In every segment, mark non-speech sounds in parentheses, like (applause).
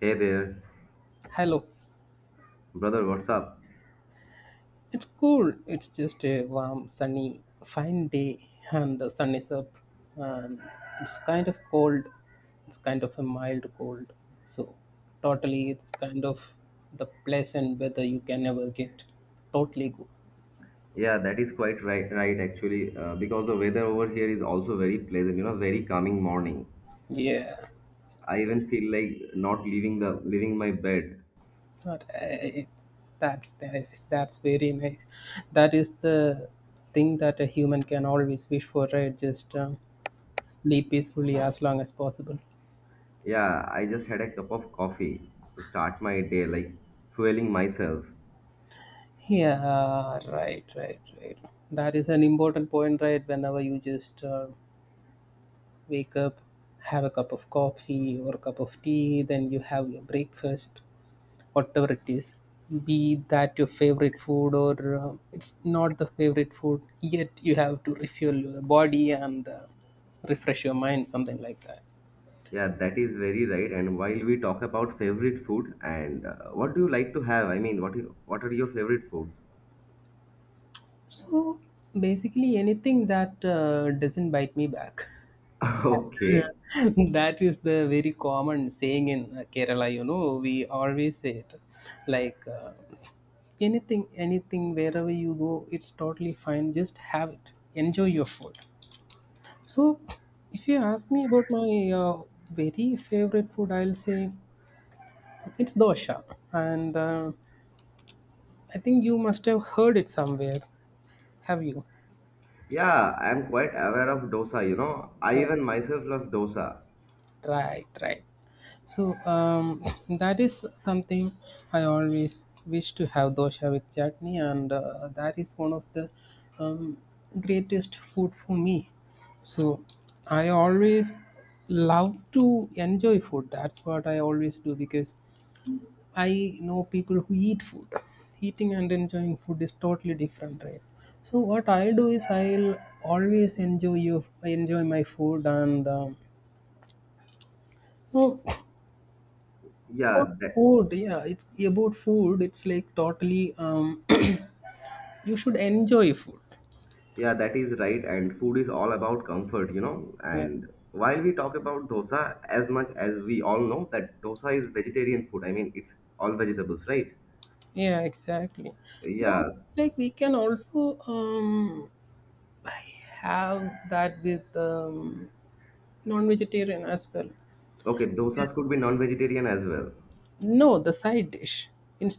Hey there, Hello. brother, what's up? It's cool. It's just a warm, sunny, fine day, and the sun is up. And it's kind of cold. It's kind of a mild cold. So, totally, it's kind of the pleasant weather you can ever get. Totally good. Yeah, that is quite right, right actually, because the weather over here is also very pleasant, you know, very calming morning. Yeah, I even feel like not leaving the leaving my bed. but I, that's very nice. That is the thing that a human can always wish for, right? Just sleep peacefully as long as possible. Yeah, I just had a cup of coffee to start my day, like fueling myself. Yeah, right. That is an important point, right? Whenever you just wake up, have a cup of coffee or a cup of tea, then you have your breakfast, whatever it is. Be that your favorite food or it's not the favorite food, yet you have to refuel your body and refresh your mind, something like that. Yeah, that is very right. And while we talk about favorite food and what do you like to have? I mean, what are your favorite foods? So basically, anything that doesn't bite me back. (laughs) Okay. (laughs) That is the very common saying in Kerala, we always say it like anything, wherever you go, it's totally fine. Just have it, enjoy your food. So if you ask me about my uh, very favorite food, I'll say it's dosha. And I think you must have heard it somewhere. Have you? Yeah, I'm quite aware of dosa, you know. I Oh, even myself love dosa. right. So that is something I always wish to have, dosha with chutney, and that is one of the um, greatest food for me. So I always love to enjoy food. That's what I always do, because I know people who eat food. Eating and enjoying food is totally different, right? So what I do is I'll always enjoy, you enjoy my food and no, about Yeah, that, food. Yeah, it's about food. It's like totally (coughs) (clears throat) you should enjoy food. yeah, that is right. And food is all about comfort, you know. Yeah, And while we talk about dosa, as much as we all know that dosa is vegetarian food. I mean, it's all vegetables, right? yeah, exactly. No, Yeah. it's like we can also have that with non-vegetarian as well. Okay, Yeah. dosas could be non-vegetarian as well. No, the side dish,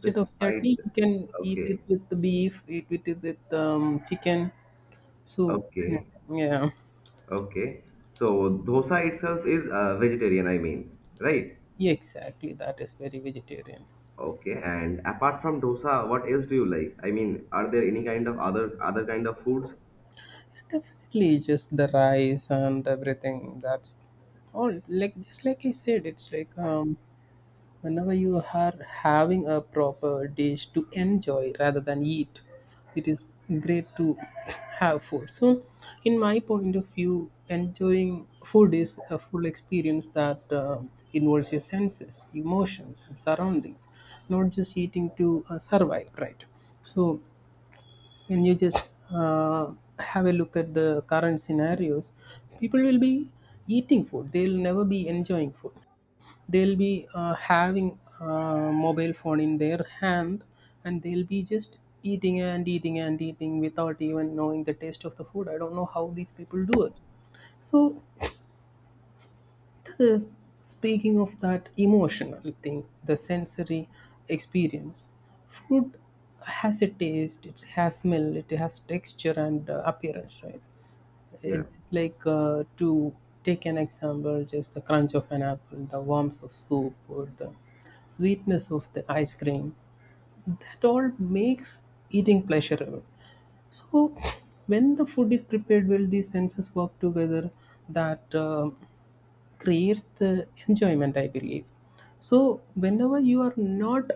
This of side. chutney, you can eat it Okay. with the beef, eat with it with chicken. So Okay. yeah, Okay. So dosa itself is vegetarian, I mean, right? yeah, exactly, that is very vegetarian. Okay. And apart from dosa, what else do you like? I mean, are there any kind of other kind of foods? Definitely, just the rice and everything. That's all. Like just like I said, it's like whenever you are having a proper dish to enjoy rather than eat, it is great to have food. So, in my point of view, enjoying food is a full experience that involves your senses, emotions, and surroundings, not just eating to survive, right? So when you just uh, have a look at the current scenarios, people will be eating food, they'll never be enjoying food. They'll be having a mobile phone in their hand, and they'll be just eating and eating and eating without even knowing the taste of the food. I don't know how these people do it. So the, speaking of that emotional thing, the sensory experience, food has a taste, it has smell, it has texture and appearance, right? Yeah. It's like to take an example, just the crunch of an apple, the warmth of soup, or the sweetness of the ice cream. That all makes eating pleasurable. So, when the food is prepared well, these senses work together. That creates the enjoyment, I believe. So, whenever you are not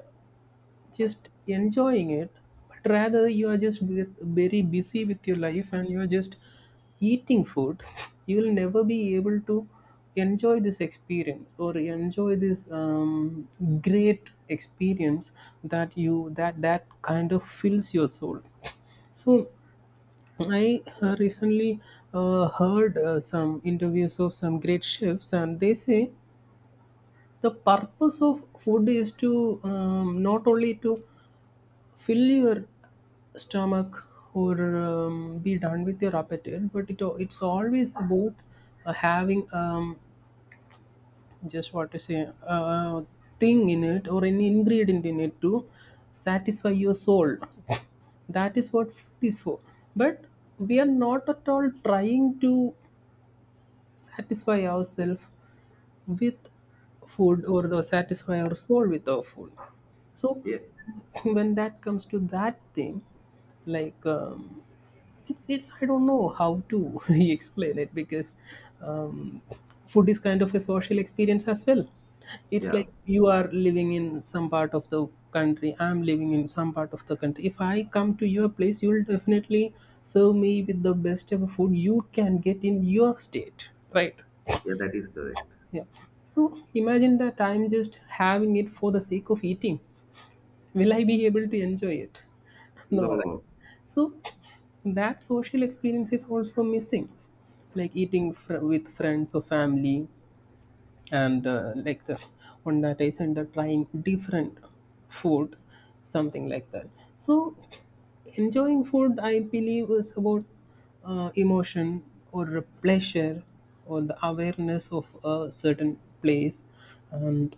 just enjoying it, but rather you are just very busy with your life and you are just eating food, (laughs) you will never be able to enjoy this experience or enjoy this great experience, that you that that kind of fills your soul. So I recently heard some interviews of some great chefs, and they say the purpose of food is to not only to fill your stomach or be done with your appetite, but it's always about having just, what to say, thing in it or any ingredient in it to satisfy your soul. That is what food is for. But we are not at all trying to satisfy ourselves with food, or the satisfy our soul with our food. So Yeah. (laughs) when that comes to that thing, like it's I don't know how to (laughs) explain it, because um, food is kind of a social experience as well. It's Yeah. like you are living in some part of the country, I'm living in some part of the country. If I come to your place, you'll definitely serve me with the best ever food you can get in your state, right? Yeah, that is correct. Yeah. So imagine that I'm just having it for the sake of eating. Will I be able to enjoy it? (laughs) No, No, right? no. So that social experience is also missing, like eating with friends or family, and like the on that I and they trying different food, something like that. So enjoying food, I believe, is about emotion or pleasure or the awareness of a certain place and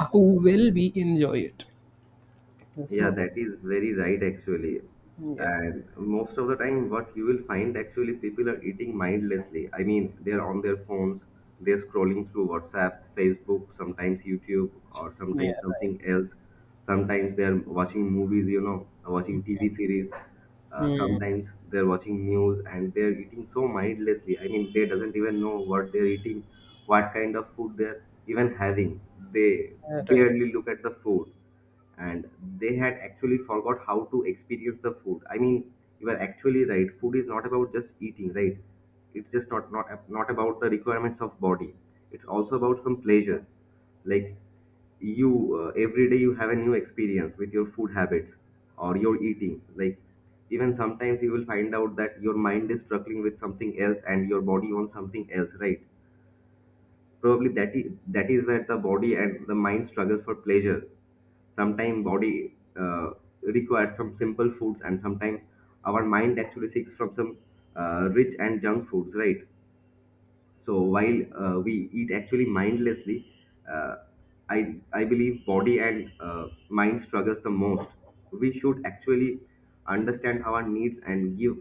how well we enjoy it. Yeah, So that is very right actually. yeah, And most of the time, what you will find actually people are eating mindlessly. I mean, they're on their phones, they're scrolling through WhatsApp, Facebook, sometimes YouTube, or yeah. sometimes something else. Sometimes they're watching movies, you know, watching TV series. Hmm. Sometimes they're watching news and they're eating so mindlessly. I mean, they doesn't even know what they're eating, what kind of food they're even having. They Right. barely look at the food, and they had actually forgot how to experience the food. I mean, you are actually right, food is not about just eating, right? It's just not about the requirements of body. It's also about some pleasure. Like, you every day you have a new experience with your food habits or your eating. Like, even sometimes you will find out that your mind is struggling with something else and your body wants something else, right? Probably that is where the body and the mind struggles for pleasure. Sometimes body requires some simple foods, and sometimes our mind actually seeks from some rich and junk foods, right? So while we eat actually mindlessly, uh, i I believe body and mind struggles the most. We should actually understand our needs and give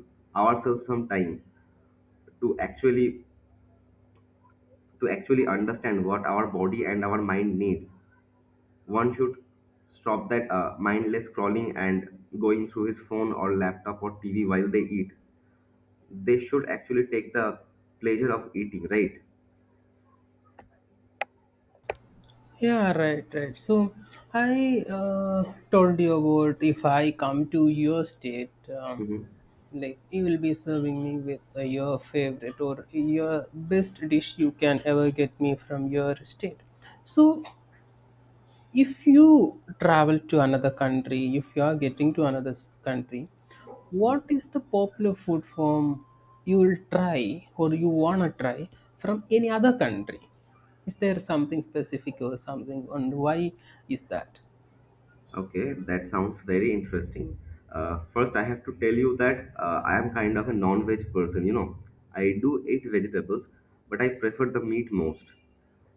ourselves some time to actually understand what our body and our mind needs. One should stop that mindless scrolling and going through his phone or laptop or TV while they eat. They should actually take the pleasure of eating, right? Yeah, right, right. So I told you about, if I come to your state, um, Hmm. like you will be serving me with your favorite or your best dish you can ever get me from your state. So if you travel to another country, if you are getting to another country, what is the popular food from, you will try or you want to try from any other country, is there something specific or something, and why is that? Okay, that sounds very interesting. First, I have to tell you that I am kind of a non-veg person. You know, I do eat vegetables, but I prefer the meat most.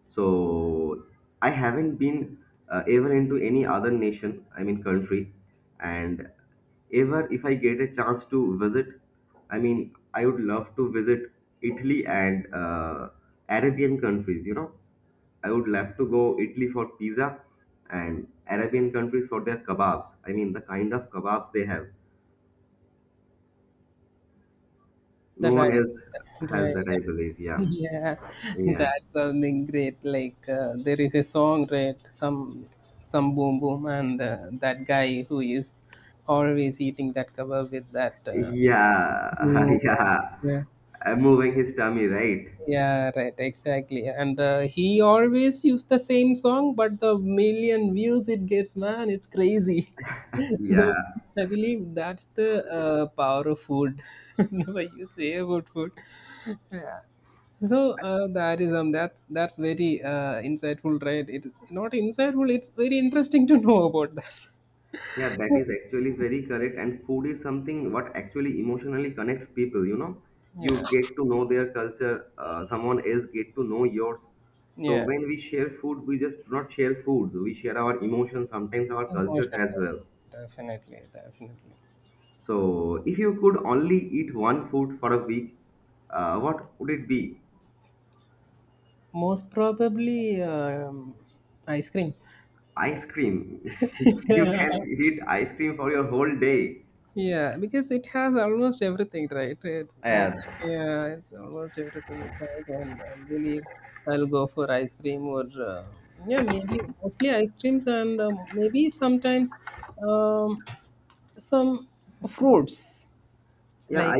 So I haven't been ever into any other nation. I mean, country, and ever if I get a chance to visit, I mean, I would love to visit Italy and Arabian countries. You know. I would love to go Italy for pizza and Arabian countries for their kebabs. I mean, the kind of kebabs they have. The No one else right, has that, right. I believe. (laughs) Yeah. Yeah, Yeah. that's something great, like there is a song, right, some boom boom, and that guy who is always eating that kebab with that Yeah. Mm, (laughs) Yeah. yeah, Moving his tummy, right? yeah, right, exactly. And he always used the same song, but the million views it gets, man, it's crazy. (laughs) (laughs) Yeah. So I believe that's the power of food. (laughs) Whenever you say about food, yeah. So that is that that's very insightful, right? It is not insightful. It's very interesting to know about that. Yeah, that is actually very correct. And food is something what actually emotionally connects people, you know. Yeah, You get to know their culture, someone else get to know yours. So yeah, when we share food, we just do not share food. We share our emotions, sometimes our cultures as emotional, well. definitely, definitely. So if you could only eat one food for a week, what would it be? Most probably ice cream. Ice cream. (laughs) You (laughs) can eat ice cream for your whole day. Yeah, because it has almost everything, right? It's, I think, Yeah. yeah, it's almost everything it has, and I believe I'll go for ice cream or yeah, maybe mostly ice creams and maybe sometimes um, some fruits. Yeah, Like, I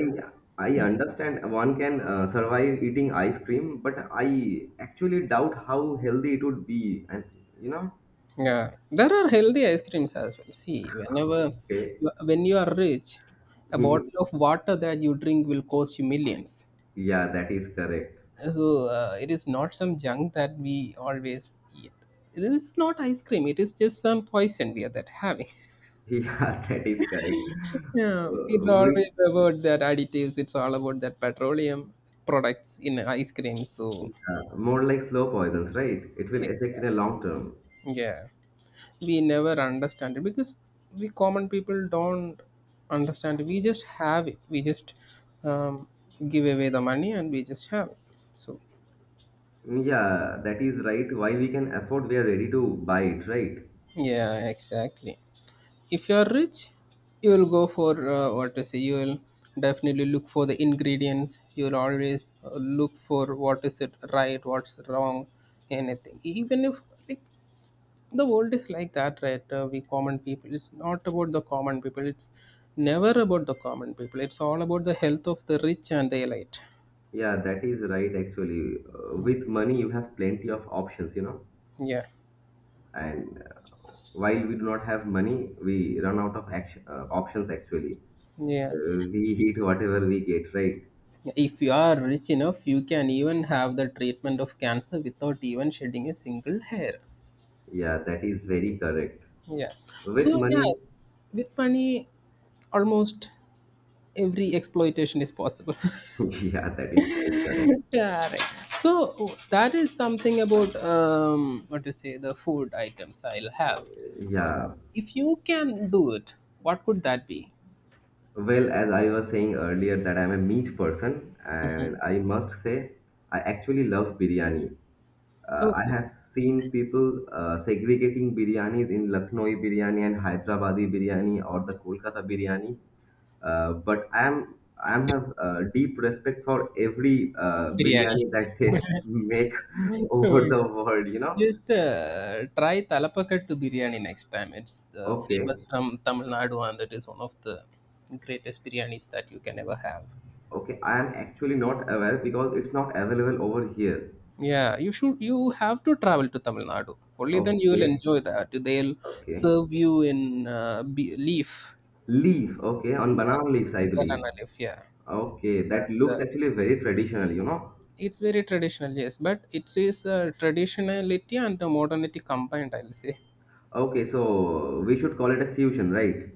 I understand one can survive eating ice cream, but I actually doubt how healthy it would be. And you know, yeah, there are healthy ice creams as well. See, whenever okay. When you are rich, (laughs) a Mhm. bottle of water that you drink will cost you millions. Yeah, that is correct. So it is not some junk that we always eat. It is not ice cream. It is just some poison we are that having. (laughs) (laughs) Yeah, that is correct. Yeah, it's Uh, which, always about that additives. It's all about that petroleum products in ice cream. So yeah, more like slow poisons, right? It will yes. affect in a long term. Yeah, we never understand it because we common people don't understand it. We just have it. We just um, give away the money and we just have it. So Yeah, that is right. Why we can afford, we are ready to buy it, right? yeah, exactly. If you are rich, you will go for what to say. You will definitely look for the ingredients. You will always look for what is it right, what's wrong, anything. Even if like the world is like that, right? We common people. It's not about the common people. It's never about the common people. It's all about the health of the rich and the elite. Yeah, that is right actually. With money, you have plenty of options, you know. Yeah, And while we do not have money, we run out of action, options actually. yeah. We eat whatever we get, right? If you are rich enough, you can even have the treatment of cancer without even shedding a single hair. Yeah, that is very correct. Yeah. With So yeah, money, with money, almost every exploitation is possible. (laughs) (laughs) yeah, that is quite correct. Yeah, right. So that is something about what to say, the food items I'll have. Or Yeah. if you can do it, what could that be? Well, as I was saying earlier, that I'm a meat person, and I must say, I actually love biryani. I Okay, have seen people segregating biryanis in Lucknowi biryani and Hyderabadi biryani or the Kolkata biryani. But I have deep respect for every biryani. biryani that they (laughs) make over the world. You (laughs) know. Just try Talapakattu biryani next time. It's Okay. famous from Tamil Nadu, and it is one of the greatest biryanis that you can ever have. Okay. I am actually not aware because it's not available over here. Yeah, you should. You have to travel to Tamil Nadu. Only then you will Okay. enjoy that. They'll Okay. serve you in leaf, Leaf. Okay. On yeah, banana leaves, I banana believe. leaf. Yeah. Okay. That looks The- actually very traditional. You know. it's very traditional. Yes, but it is traditionality and the modernity combined, I'll say. Okay. So we should call it a fusion, right?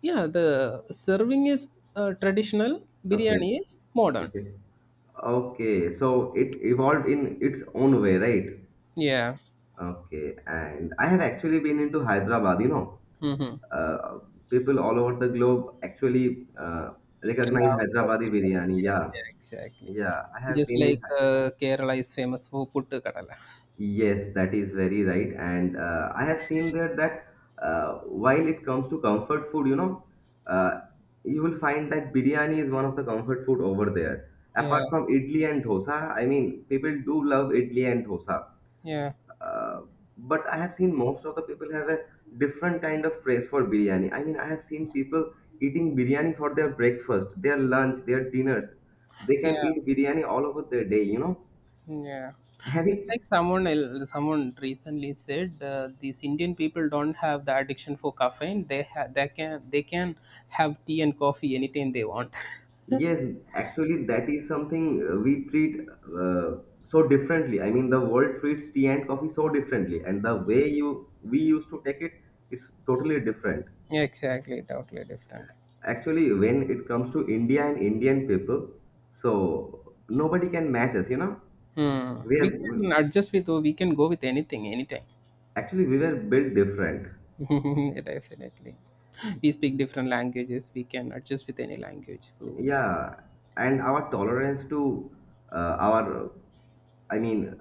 Yeah, the serving is traditional. Okay. Biryani is modern. Okay. Okay. So it evolved in its own way, right? Yeah. Okay, and I have actually been into Hyderabad. You know, Mm-hmm. uh, people all over the globe actually recognize Love Hyderabadi Hyderabad biryani. biryani. Yeah, Yeah, exactly. yeah, I have Just been in. like Hy- Kerala is famous for puttu kadala. Yes, that is very right, and I have seen there that while it comes to comfort food, you know, uh, you will find that biryani is one of the comfort food over there. Apart Yeah, from idli and dosa, I mean, people do love idli and dosa. yeah. Uh, but I have seen most of the people have a different kind of praise for biryani. I mean, I have seen people eating biryani for their breakfast, their lunch, their dinners. They can Yeah. eat biryani all over their day, you know. Yeah, it's Having, like someone recently said these Indian people don't have the addiction for caffeine. They can have tea and coffee anytime they want. yes, actually, that is something we treat so differently. I mean, the world treats tea and coffee so differently, and the way you we used to take it, it's totally different. (laughs) Exactly, totally different. Actually, when it comes to India and Indian people, so nobody can match us, you know. Hmm. We We are can adjust with, or we can go with anything anytime. Actually, we were built different, (laughs) Definitely, we speak different languages. We can adjust with any language. So yeah, and our tolerance to our I mean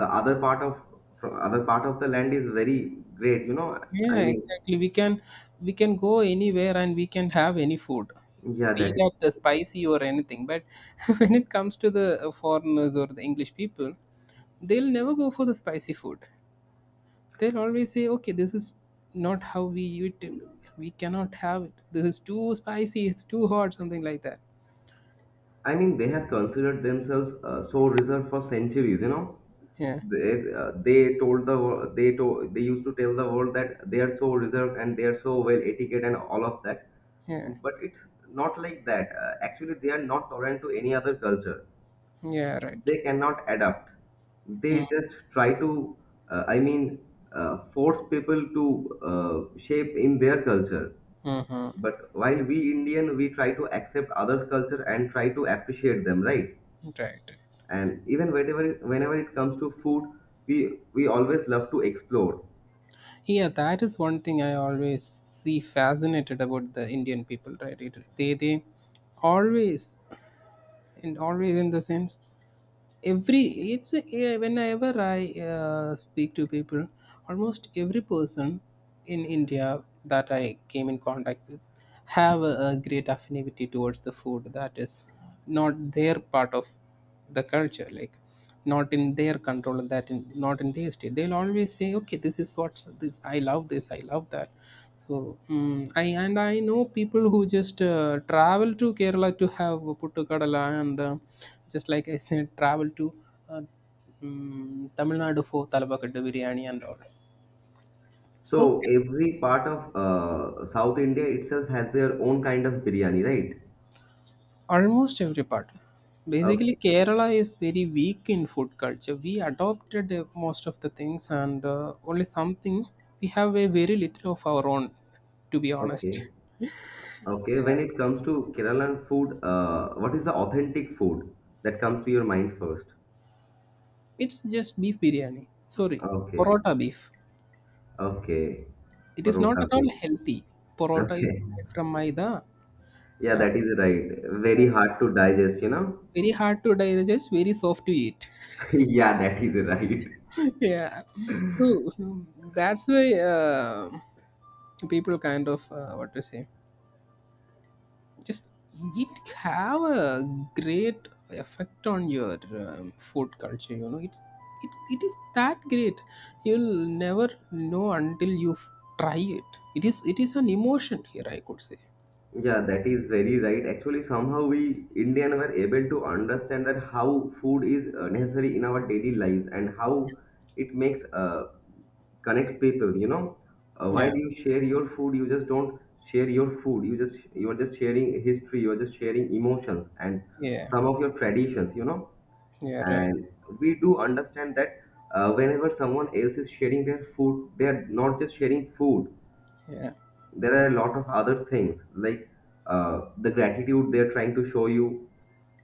the other part of from other part of the land is very great, you know. yeah, i mean exactly. We can go anywhere and we can have any food, yeah, that. be that spicy or anything. But (laughs) when it comes to the foreigners or the English people, they'll never go for the spicy food. They'll always say, "Okay, this is not how we eat it. We cannot have it. This is too spicy. It's too hot. Something like that." I mean, they have considered themselves so reserved for centuries. You know, Yeah, they told the world they told they used to tell the world that they are so reserved and they are so well etiquette and all of that. yeah, But it's not like that. Actually, they are not tolerant to any other culture. yeah. Right. They cannot adapt. They Mm-hmm. just try to, I mean, Force people to shape in their culture. Mm-hmm. But while we Indian, we try to accept others' culture and try to appreciate them, right? Right. And even whenever it comes to food, we always love to explore. Yeah, that is one thing I always see fascinated about the Indian people, right? It, they always, and always in the sense every it's a, yeah, whenever I speak to people, almost every person in India that I came in contact with have a great affinity towards the food that is not their part of the culture, like not in their control, and that in, not in their state, they'll always say, okay, this is what, this I love, this I love that. So I and I know people who just travel to Kerala to have puttukadala, and just like I said, travel to uh, Tamil Nadu for talabakattu biryani and all. So So every part of south India itself has their own kind of biryani, right? almost every part. Basically, Okay. Kerala is very weak in food culture. We adopted most of the things, and only something, we have a very little of our own. To be Okay. honest, Okay, when it comes to Keralan food, what is the authentic food that comes to your mind first? it's just beef biryani. Sorry, Okay. porota beef. Okay. It is not Parota at bhai. all healthy. Porota is Okay. made from maida. Yeah, Uh, that is right. Very hard to digest, you know. Very hard to digest. Very soft to eat. (laughs) Yeah, that is right. (laughs) Yeah. So that's why people kind of what to say, just it have a great effect on your food culture, you know. It's it is that great, you'll never know until you try it. It is, it is an emotion here, I could say. Yeah, that is very right. Actually, somehow we Indian were able to understand that how food is necessary in our daily lives, and how it makes connect people. You know, Yeah, while you share your food, you just don't share your food. You are just sharing history. You are just sharing emotions and yeah, some of your traditions. You know, yeah, right, and we do understand that whenever someone else is sharing their food, they are not just sharing food. yeah, There are a lot of other things like the gratitude they're trying to show you,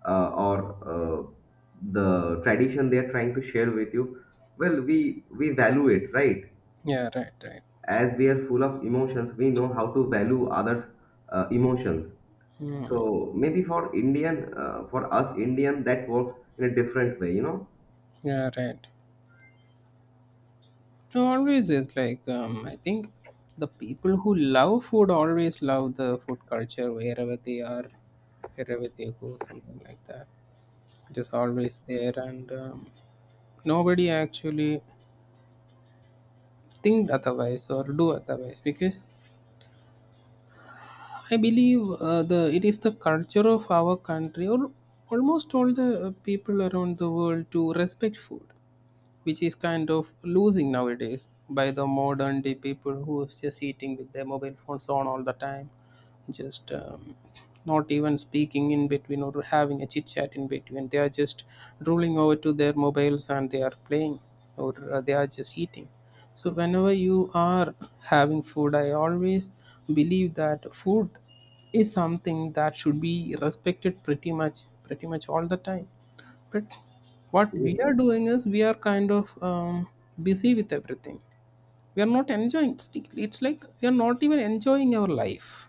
or uh, the tradition they're trying to share with you. Well, we value it, right? yeah, right, right. As we are full of emotions, we know how to value others' emotions. Hmm. So maybe for Indian, for us Indian, that works in a different way, you know. Yeah, right. So always is like, I think the people who love food always love the food culture wherever they are, wherever they go, something like that, just always there. And nobody actually think otherwise or do otherwise, because I believe the it is the culture of our country, or almost all the people around the world to respect food, which is kind of losing nowadays by the modern day people who is just eating with their mobile phones on all the time, just not even speaking in between or having a chit chat in between. They are just rolling over to their mobiles and they are playing, or they are just eating. So whenever you are having food, I always believe that food is something that should be respected, pretty much, pretty much all the time. But what we are doing is, we are kind of busy with everything. We are not enjoying, it's like we are not even enjoying our life.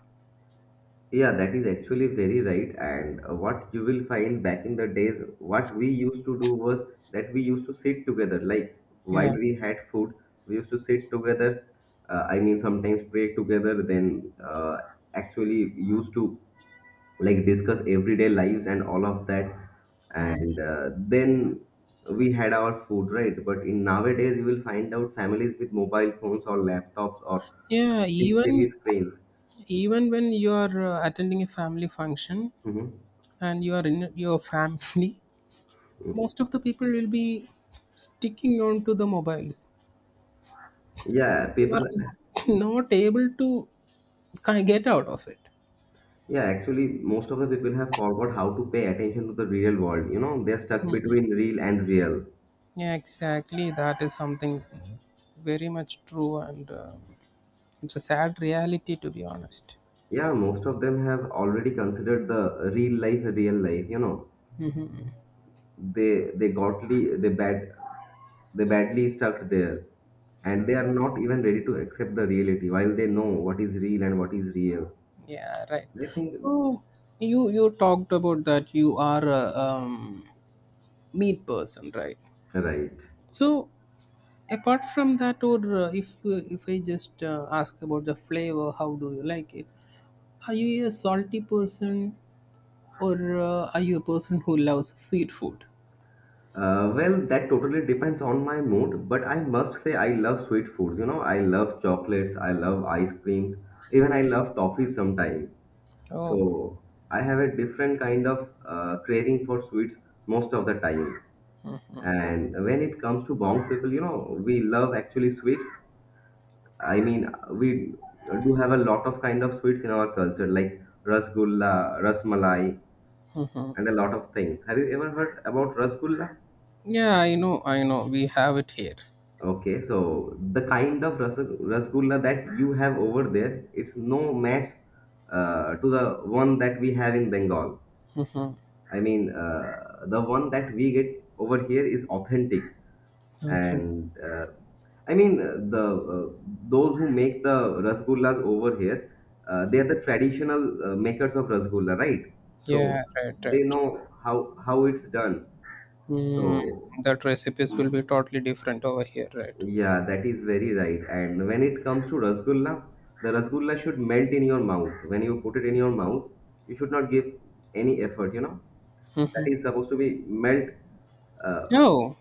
Yeah, that is actually very right. And what you will find back in the days, what we used to do was that we used to sit together. Like while Yeah. we had food, we used to sit together. I mean, sometimes pray together, then actually used to like discuss everyday lives and all of that. Mm. And then we had our food, right? But in nowadays, you will find out families with mobile phones or laptops or Yeah, big TV even, screens. even when you are attending a family function Mhm. and you are in your family, (laughs) most of the people will be sticking on to the mobiles. Yeah, They people, are not (laughs) not able to get out of it. yeah, actually, most of the people have forgot how to pay attention to the real world. You know, they're stuck Hmm. between real and real. Yeah, exactly. That is something very much true, and it's a sad reality, to be honest. Yeah, most of them have already considered the real life a real life. You know, Hmm. they they gotly they bad they badly stuck there, and they are not even ready to accept the reality while they know what is real and what is real. Yeah, right. I think So you talked about that you are a meat person, right? right. So apart from that, or uh, if if I just ask about the flavor, how do you like it? Are you a salty person, or are you a person who loves sweet food? Well, that totally depends on my mood, but I must say I love sweet foods. You know, I love chocolates, I love ice creams, even I love toffee sometimes. Oh, So I have a different kind of craving for sweets most of the time. And when it comes to Bong people, you know, we love actually sweets. I mean, we do have a lot of kind of sweets in our culture, like rasgulla, rasmalai, mhm. and a lot of things. Have you ever heard about rasgulla? Yeah, I know, I know. We have it here. Okay, so the kind of rasgulla that you have over there, it's no match to the one that we have in Bengal. Mhm. I mean, the one that we get over here is authentic, Okay. and I mean the uh, those who make the rasgullas over here, they are the traditional makers of rasgulla, right? So Yeah, right, they right. know how it's done. Mm, So that recipes will be totally different over here, right? yeah, that is very right. And when it comes to rasgulla, the rasgulla should melt in your mouth. When you put it in your mouth, you should not give any effort, you know. That Mm-hmm. is supposed to be melt uh, Oh,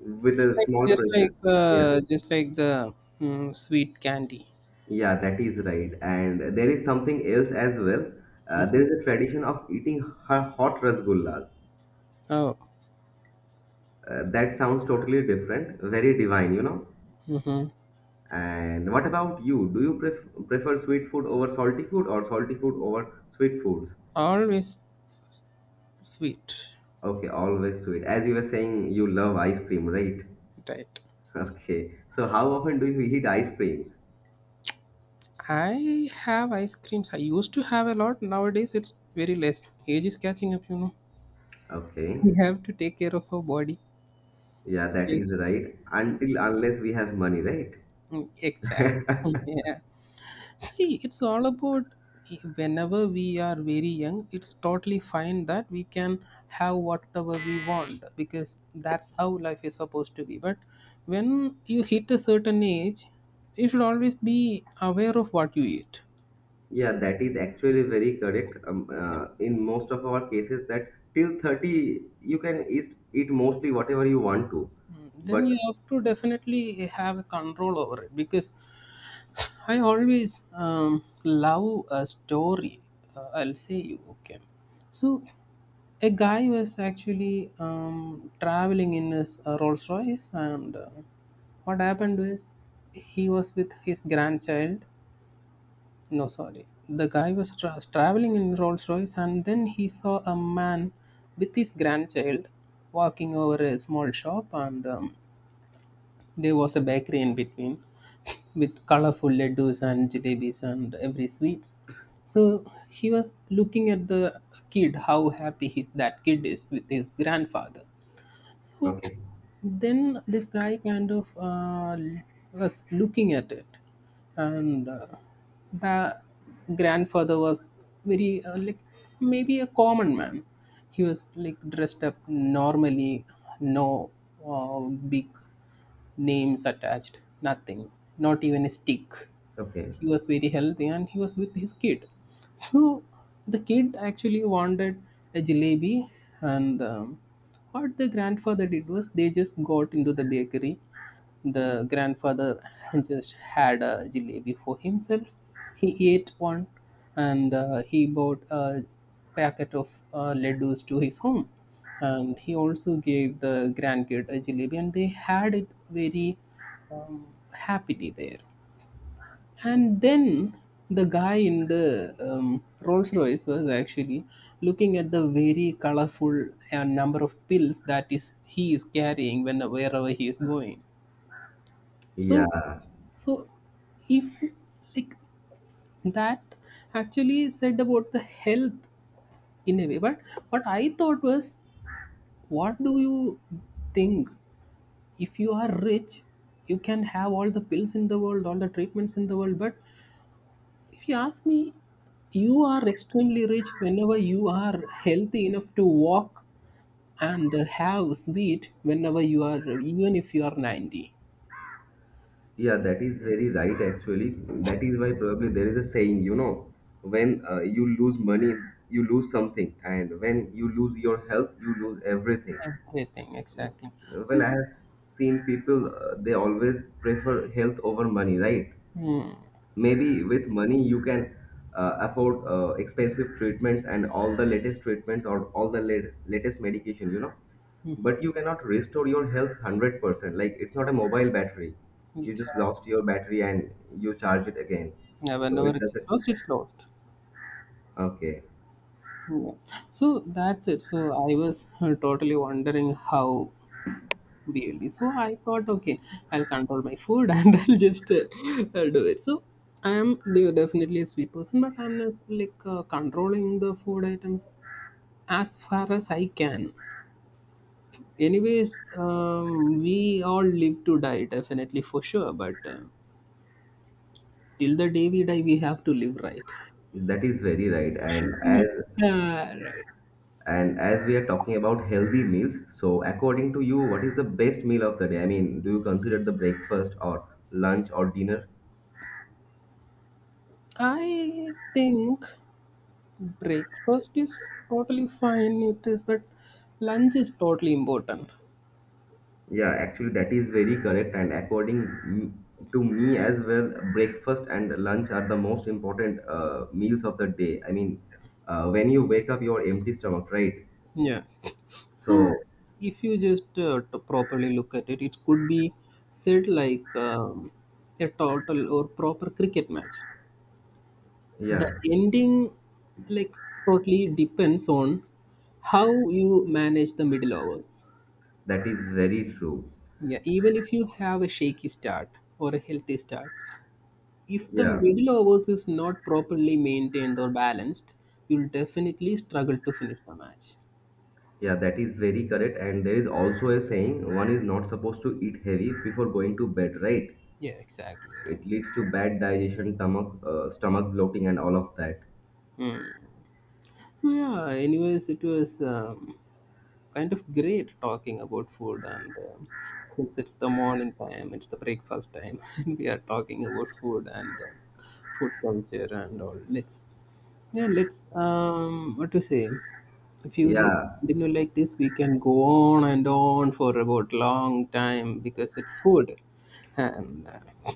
with it's a like small just pressure. like Yeah. Just like the mm, sweet candy. Yeah, that is right. And there is something else as well. There is a tradition of eating hot rasgulla. Oh, That sounds totally different, very divine, you know. mm-hmm. And what about you? Do you prefer sweet food over salty food or salty food over sweet foods? Always sweet, Okay, always sweet. As you were saying, you love ice cream, right? (laughs) right? Okay. So how often do you eat ice creams? I have ice creams. I used to have a lot. Nowadays, it's very less. Age is catching up, you know. Okay. We have to take care of our body. Yeah, that Yes. is right. Until unless we have money, right? Mm, exactly. (laughs) Yeah. See, it's all about whenever we are very young, it's totally fine that we can have whatever we want, because that's how life is supposed to be. But when you hit a certain age, you should always be aware of what you eat. Yeah, that is actually very correct. In most of our cases, that till 30 you can eat mostly whatever you want to. Mm. Then you But have to definitely have a control over it, because I always love a story. I'll say you okay. So, a guy was actually traveling in his Rolls Royce, and what happened was, he was with his grandchild. No, sorry, the guy was traveling in Rolls Royce, and then he saw a man with his grandchild walking over a small shop, and there was a bakery in between (laughs) with colorful laddus and jalebis and every sweets. So he was looking at the kid, how happy his, that kid is with his grandfather. So okay, then this guy kind of was looking at it, and the grandfather was very like maybe a common man. He was like dressed up normally, no uh, big names attached, nothing, not even a stick. okay. He was very healthy and he was with his kid. So the kid actually wanted a jalebi, and what the grandfather did was, they just got into the bakery. The grandfather (laughs) just had a jalebi for himself. He ate one, and he bought a packet of laddus to his home, and he also gave the grandkid a jalebi and they had it very um, happily there. And then the guy in the Rolls Royce was actually looking at the very colorful number of pills that is he is carrying when wherever he is going. So, Yeah, so if like that actually said about the health in a way. But what I thought was, what do you think? If you are rich, you can have all the pills in the world, all the treatments in the world, but if you ask me, you are extremely rich whenever you are healthy enough to walk and have sweet whenever you are, even if you are 90. yeah, that is very right, actually. That is why probably there is a saying, you know, when you lose money, you lose something, and when you lose your health, you lose everything. Everything, exactly. Well, So, I have seen people, they always prefer health over money, right? mm, Maybe with money you can afford expensive treatments and all the latest treatments or all the latest medication, you know, but you cannot restore your health 100%. Like, it's not a mobile battery. You just exactly. lost your battery and you charge it again. Yeah, So whenever it it is doesn't. lost, it's lost. Okay, Yeah. So, that's it. So, I was totally wondering how. Really. So I thought, okay, I'll control my food (laughs) and I'll just do it. So I am definitely a sweet person, but I'm not like controlling the food items as far as I can. Anyways, we all live to die, definitely for sure. But till the day we die, we have to live, right? that is very right. And as, (laughs) Right. and as we are talking about healthy meals, so according to you, what is the best meal of the day? I mean, do you consider the breakfast or lunch or dinner? I think breakfast is totally fine. It is, but lunch is totally important. Yeah, actually, that is very correct. And to me as well, breakfast and lunch are the most important meals of the day. I mean, when you wake up, you're empty stomach, right? Yeah. So, So if you just properly look at it, it could be said like a total or proper cricket match. yeah, The ending, like, totally depends on how you manage the middle overs. that is very true. Yeah, even if you have a shaky start or a healthy start, if the Yeah, middle overs is not properly maintained or balanced, you'll definitely struggle to finish the match. yeah, that is very correct. And there is also a saying one is not supposed to eat heavy before going to bed, right? Yeah, exactly right. It leads to bad digestion, stomach, stomach bloating, and all of that. So yeah, anyways, it was kind of great talking about food, and since it's the morning time, it's the breakfast time, (laughs) and we are talking about food and food culture and all. Let's yeah, let's what to say? If you just Yeah, continue like this, we can go on and on for about long time because it's food, and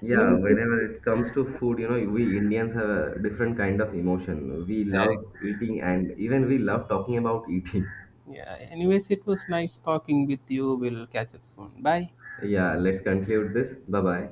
yeah, anyways, it, whenever it comes to food, you know, we Indians have a different kind of emotion. We love exactly. eating and even we love talking about eating. (laughs) Yeah, anyways, it was nice talking with you. We'll catch up soon. Bye. Yeah, let's conclude this. Bye bye.